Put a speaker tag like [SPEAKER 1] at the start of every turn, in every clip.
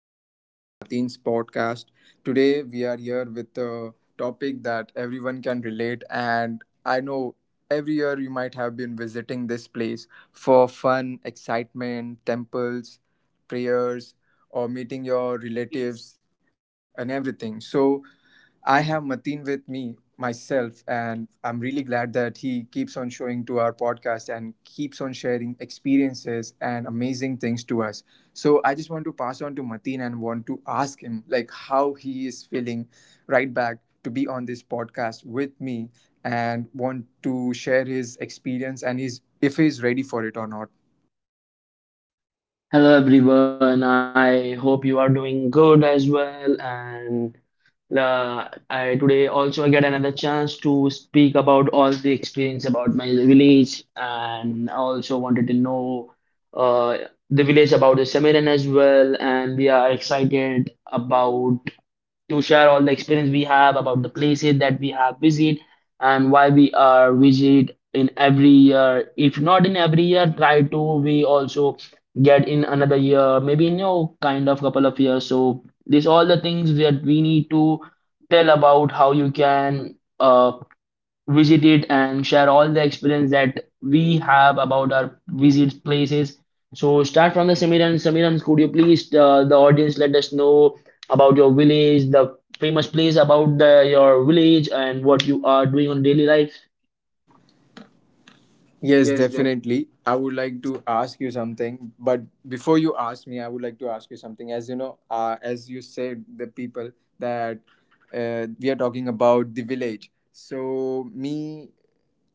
[SPEAKER 1] Samiran and Mateen's podcast. Today, we are here with a topic that everyone can relate, and I know every year you might have been visiting this place for fun, excitement, temples, prayers, or meeting your relatives and everything. So, I have Mateen with me myself, and I'm really glad that he keeps on showing to our podcast and keeps on sharing experiences and amazing things to us. So I just want to pass on to Mateen and want to ask him like how he is feeling right back to be on this podcast with me and want to share his experience and his if he's ready for it or not.
[SPEAKER 2] Hello everyone. I hope you are doing good as well. And I today also I get another chance to speak about all the experience about my village, and I also wanted to know uh, the village about the Samiran as well. And we are excited about to share all the experience we have about the places that we have visited and why we are visit in every year. If not in every year, try to we also get in another year, maybe in your kind of couple of years. So these all the things that we need to tell about how you can visit it and share all the experience that we have about our visit places. So start from the Samiran. Samiran, could you please the audience let us know about your village, the famous place about the, your village, and what you are doing on daily life?
[SPEAKER 1] Yes, definitely. I would like to ask you something, but before you ask me, I would like to ask you something. As you know, as you said, the people that we are talking about the village. So me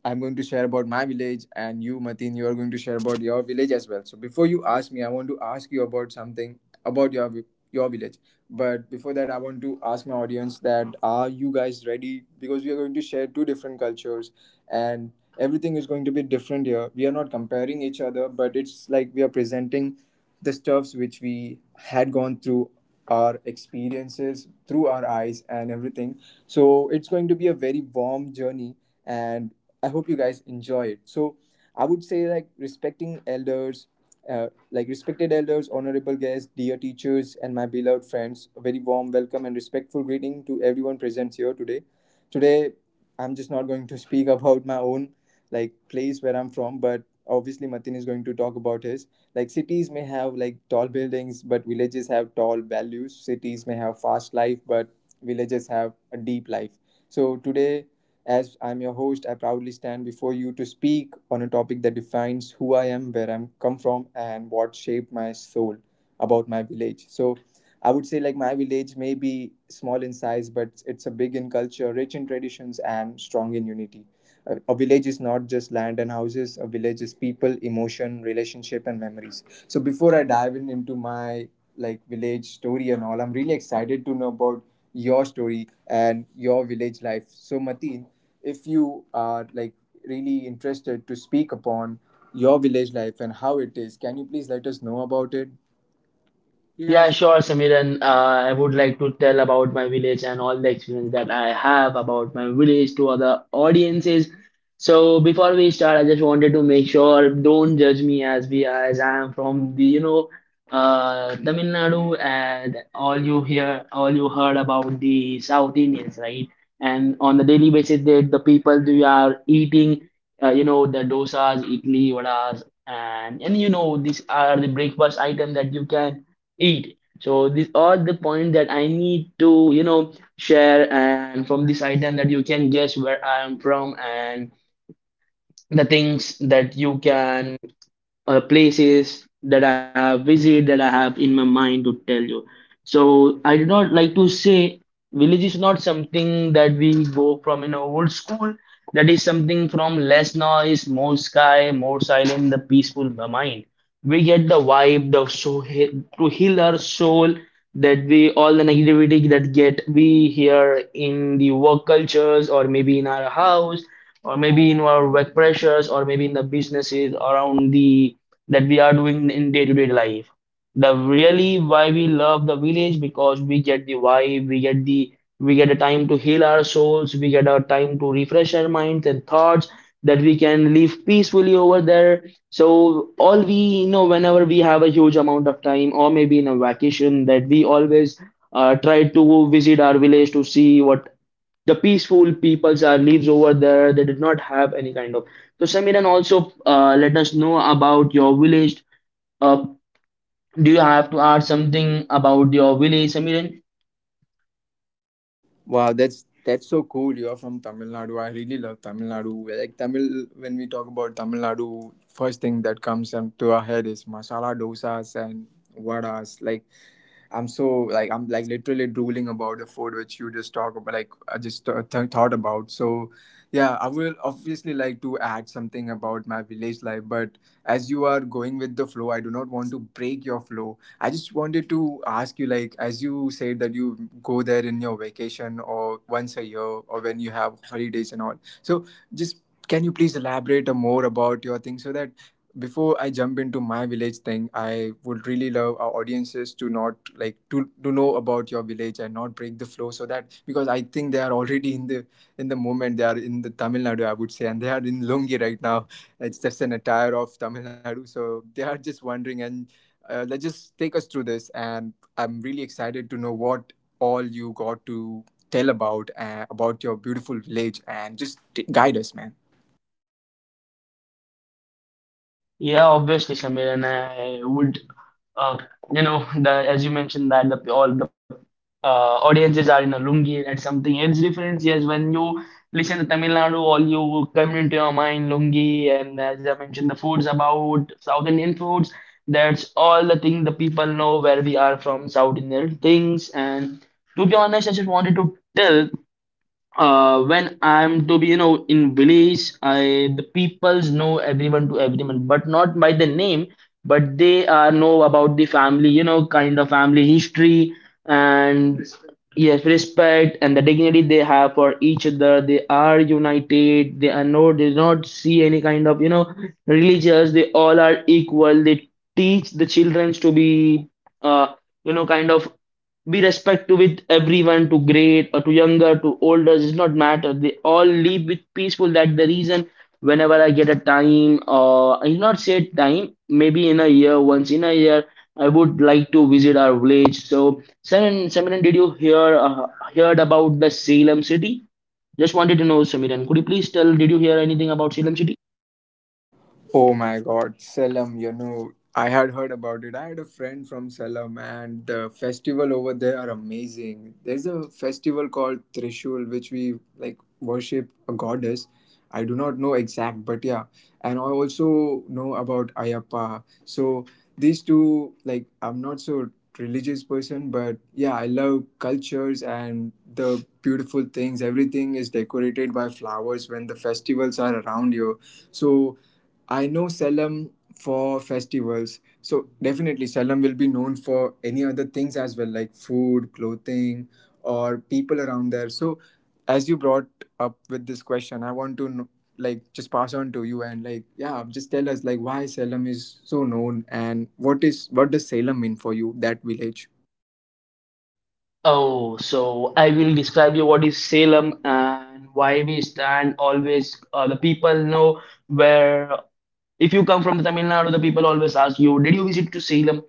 [SPEAKER 1] I'm going to share about my village, and you, Mateen, you are going to share about your village as well. So before you ask me, I want to ask you about something about your your village. But before that, I want to ask my audience that are you guys ready? Because we are going to share two different cultures, and everything is going to be different here. We are not comparing each other, but it's like we are presenting the stuffs which we had gone through our experiences through our eyes and everything, so it's going to be a very warm journey, and I hope you guys enjoy it. So I would say like respecting elders, like respected elders, honorable guests, dear teachers, and my beloved friends. A very warm welcome and respectful greeting to everyone present here today. Today I'm just not going to speak about my own like place where I'm from, but obviously Matin is going to talk about his. Like cities may have like tall buildings, but villages have tall values. Cities may have fast life, but villages have a deep life. So today, as I'm your host, I proudly stand before you to speak on a topic that defines who I am, where I'm come from, and what shaped my soul about my village. So I would say like my village may be small in size, but it's a big in culture, rich in traditions, and strong in unity. A village is not just land and houses. A village is people, emotion, relationship and memories. So before I dive in into my like village story and all, I'm really excited to know about your story and your village life. So Mateen, if you are like really interested to speak upon your village life and how it is, can you please let us know about it?
[SPEAKER 2] Yeah, sure, Samiran. I would like to tell about my village and all the experience that I have about my village to other audiences. So before we start, I just wanted to make sure don't judge me as we as I am from the you know Tamil Nadu and all you hear all you heard about the South Indians, right? And on the daily basis, they, the people they are eating you know the dosas, idli, vadas, and you know these are the breakfast item that you can eat. So these are the point that I need to, you know, share and from this item that you can guess where I am from and the things that you can places that I have visited that I have in my mind to tell you. So I do not like to say village is not something that we go from in our old school. That is something from less noise, more sky, more silent, the peaceful mind. We get the vibe, the so to heal our soul that we all the negativity that get we hear in the work cultures or maybe in our house or maybe in our work pressures or maybe in the businesses around the that we are doing in day-to-day life. The really why we love the village because we get the vibe, we get the we get a time to heal our souls, we get a time to refresh our minds and thoughts that we can live peacefully over there. So all we you know whenever we have a huge amount of time or maybe in a vacation that we always try to visit our village to see what the peaceful peoples are lives over there they did not have any kind of so Samiran also let us know about your village. uh, do you have to add something about your village, Samiran?
[SPEAKER 1] Wow, that's so cool. You're from Tamil Nadu. I really love Tamil Nadu. Like Tamil, when we talk about Tamil Nadu, first thing that comes into our head is masala dosas and vadas. Like I'm so like I'm like literally drooling about the food which you just talk about. Like I just thought about. So yeah, I will obviously like to add something about my village life, but as you are going with the flow, I do not want to break your flow. I just wanted to ask you, like as you said that you go there in your vacation or once a year or when you have holidays and all. So just can you please elaborate a more about your thing so that before I jump into my village thing, I would really love our audiences to not like to know about your village and not break the flow, so that because I think they are already in the moment. They are in the Tamil Nadu I would say, and they are in Lungi right now. It's just an attire of Tamil Nadu, so they are just wondering, and let's just take us through this, and I'm really excited to know what all you got to tell about your beautiful village and just guide us, man.
[SPEAKER 2] Yeah, obviously, Samir, and I uh, you know, the as you mentioned that the all the uh, audiences are in a lungi. And that's something else different. Yes, when you listen to Tamil Nadu, all you come into your mind lungi, and as I mentioned, the foods about South Indian foods. That's all the thing the people know where we are from, South Indian things. And to be honest, I just wanted to tell when I'm to be you know in village, I the peoples know everyone to everyone, but not by the name, but they know about the family, you know, kind of family history and yes, respect and the dignity they have for each other. They are united. They are no, they do not see any kind of you know religious. They all are equal. They teach the children to be uh, you know kind of be respectful with everyone to great or to younger to older does not matter they all live with peaceful that the reason whenever I get a time or I will not say time maybe in a year once in a year I would like to visit our village. So Samiran, did you hear heard about the Salem city? Just wanted to know, Samiran, could you please tell did you hear anything about Salem city?
[SPEAKER 1] Oh my God, Salem, you know, I had heard about it. I had a friend from Salem, and the festival over there are amazing. There's a festival called Trishul, which we like worship a goddess. I do not know exact, but yeah. And I also know about Ayappa. So these two, like, I'm not so religious person, but yeah, I love cultures and the beautiful things. Everything is decorated by flowers when the festivals are around you. So I know Salem for festivals. So definitely Salem will be known for any other things as well, like food, clothing, or people around there. So as you brought up with this question, I want to know, like just pass on to you and like yeah, just tell us like why Salem is so known and what is what does Salem mean for you, that village?
[SPEAKER 2] Oh, so I will describe you what is Salem and why we stand always. The people know where. If you come from the Tamil Nadu, the people always ask you, "Did you visit to Salem?"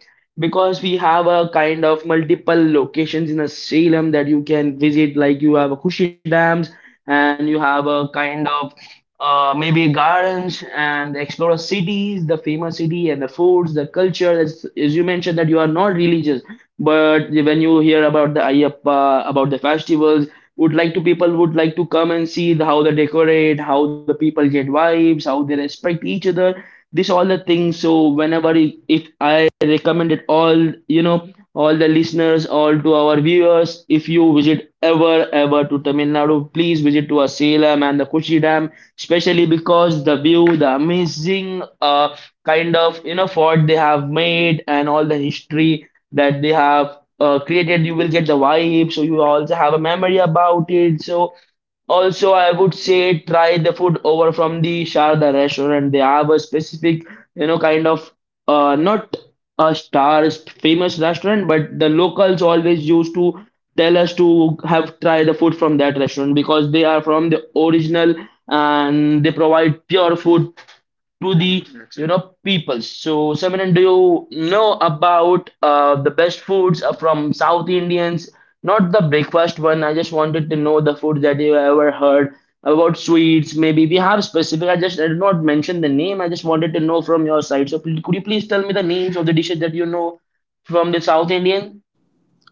[SPEAKER 2] Because we have a kind of multiple locations in a Salem that you can visit. Like you have a Kushi Dams, and you have a kind of maybe gardens and explore cities, the famous city and the foods, the culture. As you mentioned that you are not religious but when you hear about the Ayappa, about the festivals, would like to people would like to come and see the, how they decorate, how the people get vibes, how they respect each other. This all the things. So whenever if I recommend it all, you know, all the listeners, all to our viewers, if you visit ever ever to Tamil Nadu, please visit to our Salem and the Kushi Dam, especially because the view, the amazing kind of you know fort they have made and all the history that they have created. You will get the vibe, so you also have a memory about it. So also, I would say try the food over from the Sharda restaurant. They have a specific, you know, kind of not a star famous restaurant, but the locals always used to tell us to have try the food from that restaurant because they are from the original and they provide pure food to the you right. Know people. So, Samiran, do you know about the best foods are from South Indians? Not the breakfast one. I just wanted to know the food that you ever heard about sweets. Maybe we have specific. I did not mention the name. I just wanted to know from your side. So, could you please tell me the names of the dishes that you know from the South Indian?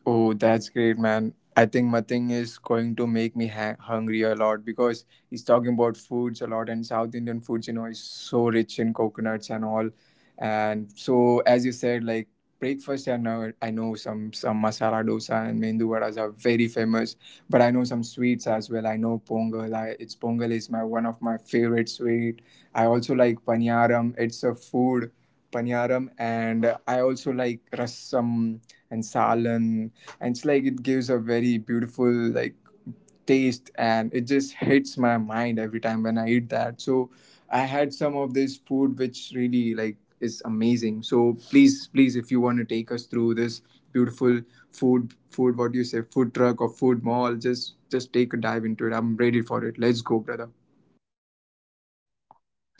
[SPEAKER 1] Oh, that's great, man. I think Mating is going to make me hungry a lot, because he's talking about foods a lot, and South Indian foods, you know, is so rich in coconuts and all. And so, as you said, like breakfast, I know some masala dosa and mendu vadas are very famous, but I know some sweets as well. I know pongal. I, it's pongal is my one of my favorite sweet. I also like paniyaram. It's a food, paniyaram, and I also like rasam and salan, and it's like it gives a very beautiful like taste, and it just hits my mind every time when I eat that. So I had some of this food which really like is amazing. So please, please, if you want to take us through this beautiful food, what do you say, food truck or food mall? Just take a dive into it. I'm ready for it. Let's go, brother.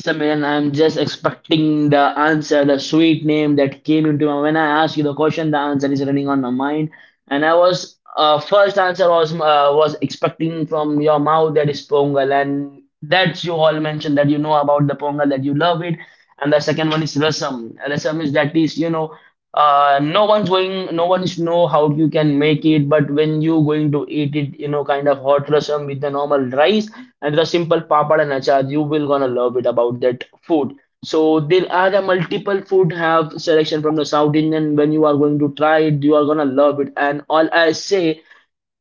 [SPEAKER 2] Samiran, I'm just expecting the answer, the sweet name that came into my when I ask you the question, the answer is running on my mind. And I was first answer was expecting from your mouth that is Pongal, and that's you all mentioned that you know about the Pongal that you love it, and the second one is Rasam. Rasam is that is you know no one's going, no one's know how you can make it, but when you going to eat it, you know kind of hot rasam with the normal rice and the simple papad and achar, you will gonna love it about that food. So there are a multiple food have selection from the South Indian. When you are going to try it, you are gonna love it. And all I say,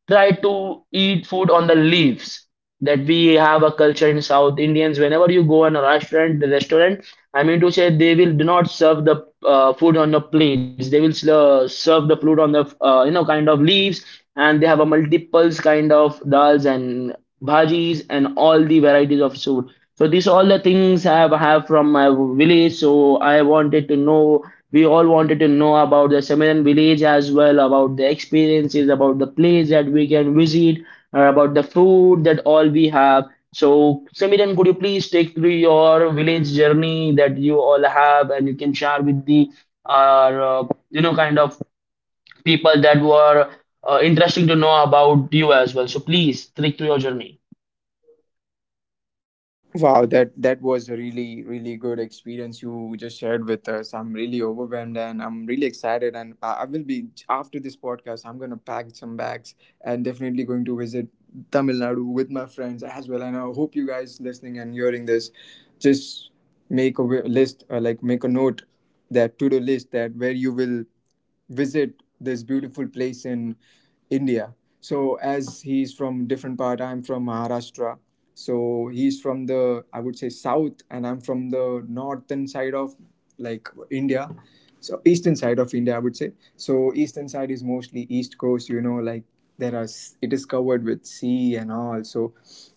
[SPEAKER 2] try to eat food on the leaves. That we have a culture in South Indians. Whenever you go in a restaurant, the restaurant, I mean to say, they will do not serve the food on the plates. They will serve the food on the you know kind of leaves, and they have a multiples kind of dals and bhajis and all the varieties of food. So these all the things I have from my village. So I wanted to know. We all wanted to know about the Samiran village as well, about the experiences, about the place that we can visit, about the food that all we have. So Samiran, could you please take through your village journey that you all have, and you can share with the, uh, you know, kind of people that were interesting to know about you as well. So please take through your journey.
[SPEAKER 1] Wow, that was a really good experience you just shared with us. I'm really overwhelmed and I'm really excited. And I will be after this podcast. I'm gonna pack some bags and definitely going to visit Tamil Nadu with my friends as well. And I hope you guys listening and hearing this, just make a list or like make a note, that to do list, that where you will visit this beautiful place in India. So as he's from different part, I'm from Maharashtra. So he's from the I would say south, and I'm from the northern side of like India. So eastern side of India I would say. So eastern side is mostly east coast, you know, like there are it is covered with sea and all. So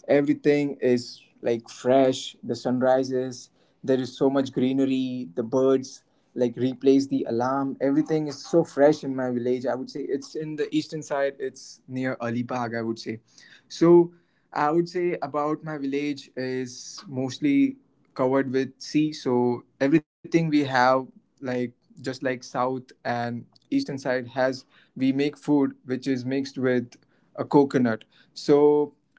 [SPEAKER 1] everything is like fresh, the sunrises, there is so much greenery, the birds like replace the alarm. Everything is so fresh in my village. I would say it's in the eastern side, it's near Alibag I would say. So I would say about my village is mostly covered with sea, so everything we have, like just like south and eastern side has, we make food which is mixed with a coconut. So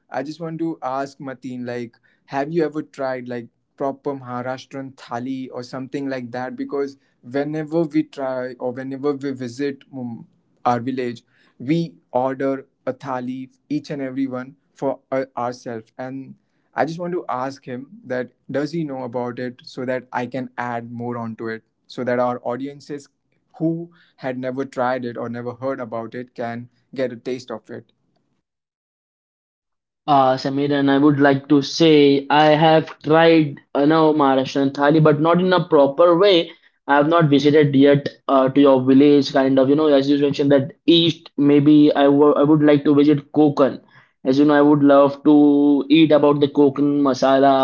[SPEAKER 1] I just want to ask Mateen, like, have you ever tried like proper Maharashtrian thali or something like that? Because whenever we try or whenever we visit our village, we order a thali each and every one for ourselves. And I just want to ask him that does he know about it, so that I can add more onto it, so that our audiences who had never tried it or never heard about it can get a taste of it.
[SPEAKER 2] Samir, and I would like to say I have tried no, Maharashtrian thali, but not in a proper way. I have not visited yet to your village, kind of. You know, as you mentioned that east, maybe I would like to visit Konkan. As you know, I would love to eat about the Konkan masala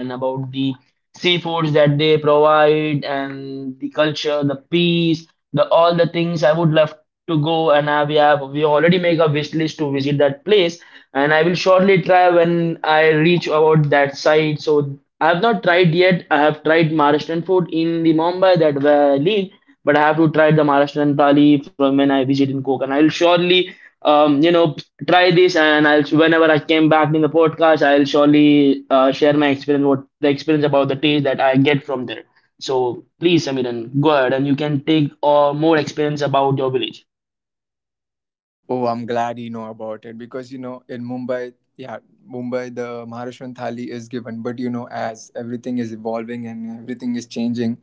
[SPEAKER 2] and about the seafoods that they provide and the culture, the peace, the all the things I would love to go and we already make a wish list to visit that place and I will surely try when I reach about that site. So I have not tried yet. I have tried Maharashtrian food in the Mumbai that where I live, but I have to try the Maharashtrian thali from when I visit in Konkan. I will surely you know try this and I'll whenever I came back in the podcast, I'll surely share my experience what the experience about the taste that I get from there. So please, Samiran, go ahead and you can take more experience about your village.
[SPEAKER 1] Oh, I'm glad you know about it, because you know in Mumbai, yeah, Mumbai the Maharashtrian thali is given, but you know as everything is evolving and everything is changing,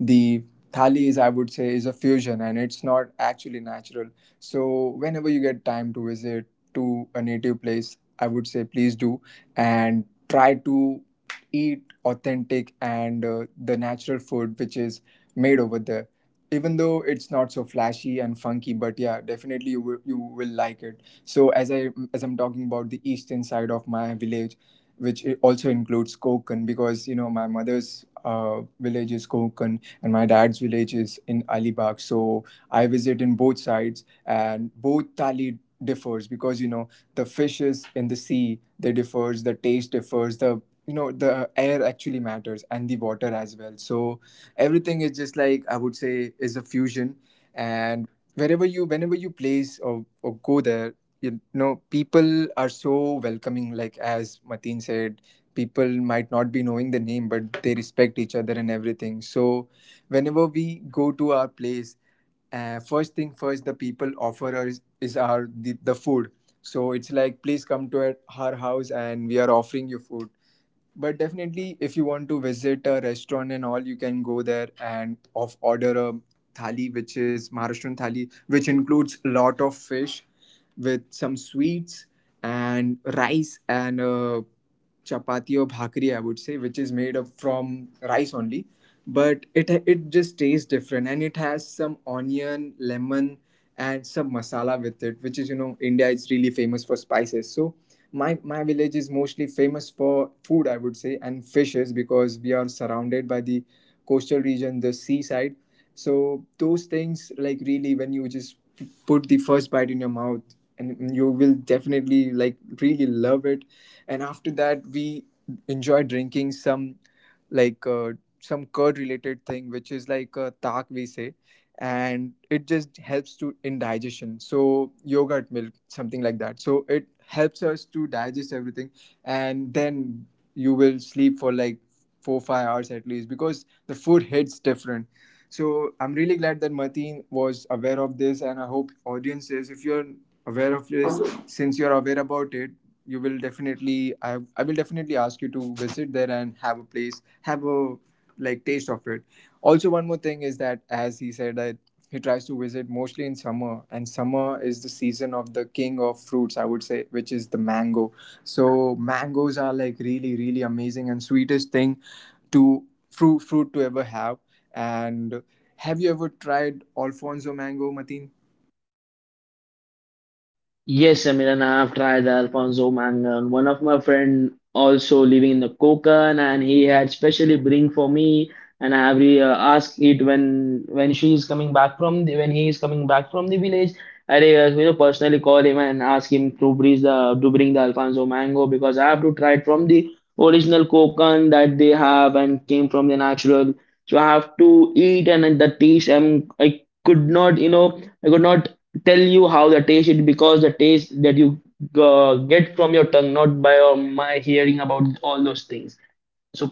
[SPEAKER 1] the thali is I would say is a fusion and it's not actually natural. So whenever you get time to visit to a native place, I would say please do, and try to eat authentic and the natural food which is made over there, even though it's not so flashy and funky. But yeah, definitely you you will like it. So as I as I'm talking about the eastern side of my village, which also includes Kokan, because you know my mother's village is Kokan and my dad's village is in Alibag. So I visit in both sides and both thali differs, because you know the fishes in the sea they differs, the taste differs, the, you know, the air actually matters and the water as well. So everything is just like I would say is a fusion. And wherever you, whenever you place or go there, you know people are so welcoming. Like as Mateen said, people might not be knowing the name but they respect each other and everything. So whenever we go to our place, first thing first the people offer us is our the, food. So it's like please come to our house, and we are offering you food. But definitely if you want to visit a restaurant and all, you can go there and of order a thali, which is Maharashtrian thali, which includes a lot of fish with some sweets and rice and chapati or bhakri I would say, which is made up from rice only. But it just tastes different, and it has some onion, lemon, and some masala with it, which is, you know, India is really famous for spices. So my village is mostly famous for food I would say, and fishes, because we are surrounded by the coastal region, the seaside. So those things like really, when you just put the first bite in your mouth, and you will definitely like really love it. And after that we enjoy drinking some like some curd related thing, which is like a tak we say, and it just helps to in digestion. So yogurt milk, something like that, so it helps us to digest everything. And then you will sleep for like 4 5 hours at least, because the food hits different. So I'm really glad that Martin was aware of this, and I hope audience is, if you're aware of this, since you're aware about it, you will definitely I will definitely ask you to visit there and have a place, have a like taste of it. Also, one more thing is that, as he said, that he tries to visit mostly in summer, and summer is the season of the king of fruits, I would say, which is the mango. So, mangoes are like really, really amazing and sweetest thing to fruit to ever have. And have you ever tried Alfonso mango, Mateen?
[SPEAKER 2] Yes, Amir, and I've tried the Alfonso Mangan. One of my friend also living in the Konkan, and he had specially bring for me. And I asked it when she is coming back from the, when he is coming back from the village. I you know personally call him and ask him to bring the Alfonso mango because I have to try it from the original Konkan that they have and came from the natural. So I have to eat and the taste. I'm I could not you know I could not tell you how the taste it because the taste that you get from your tongue not by my hearing about all those things so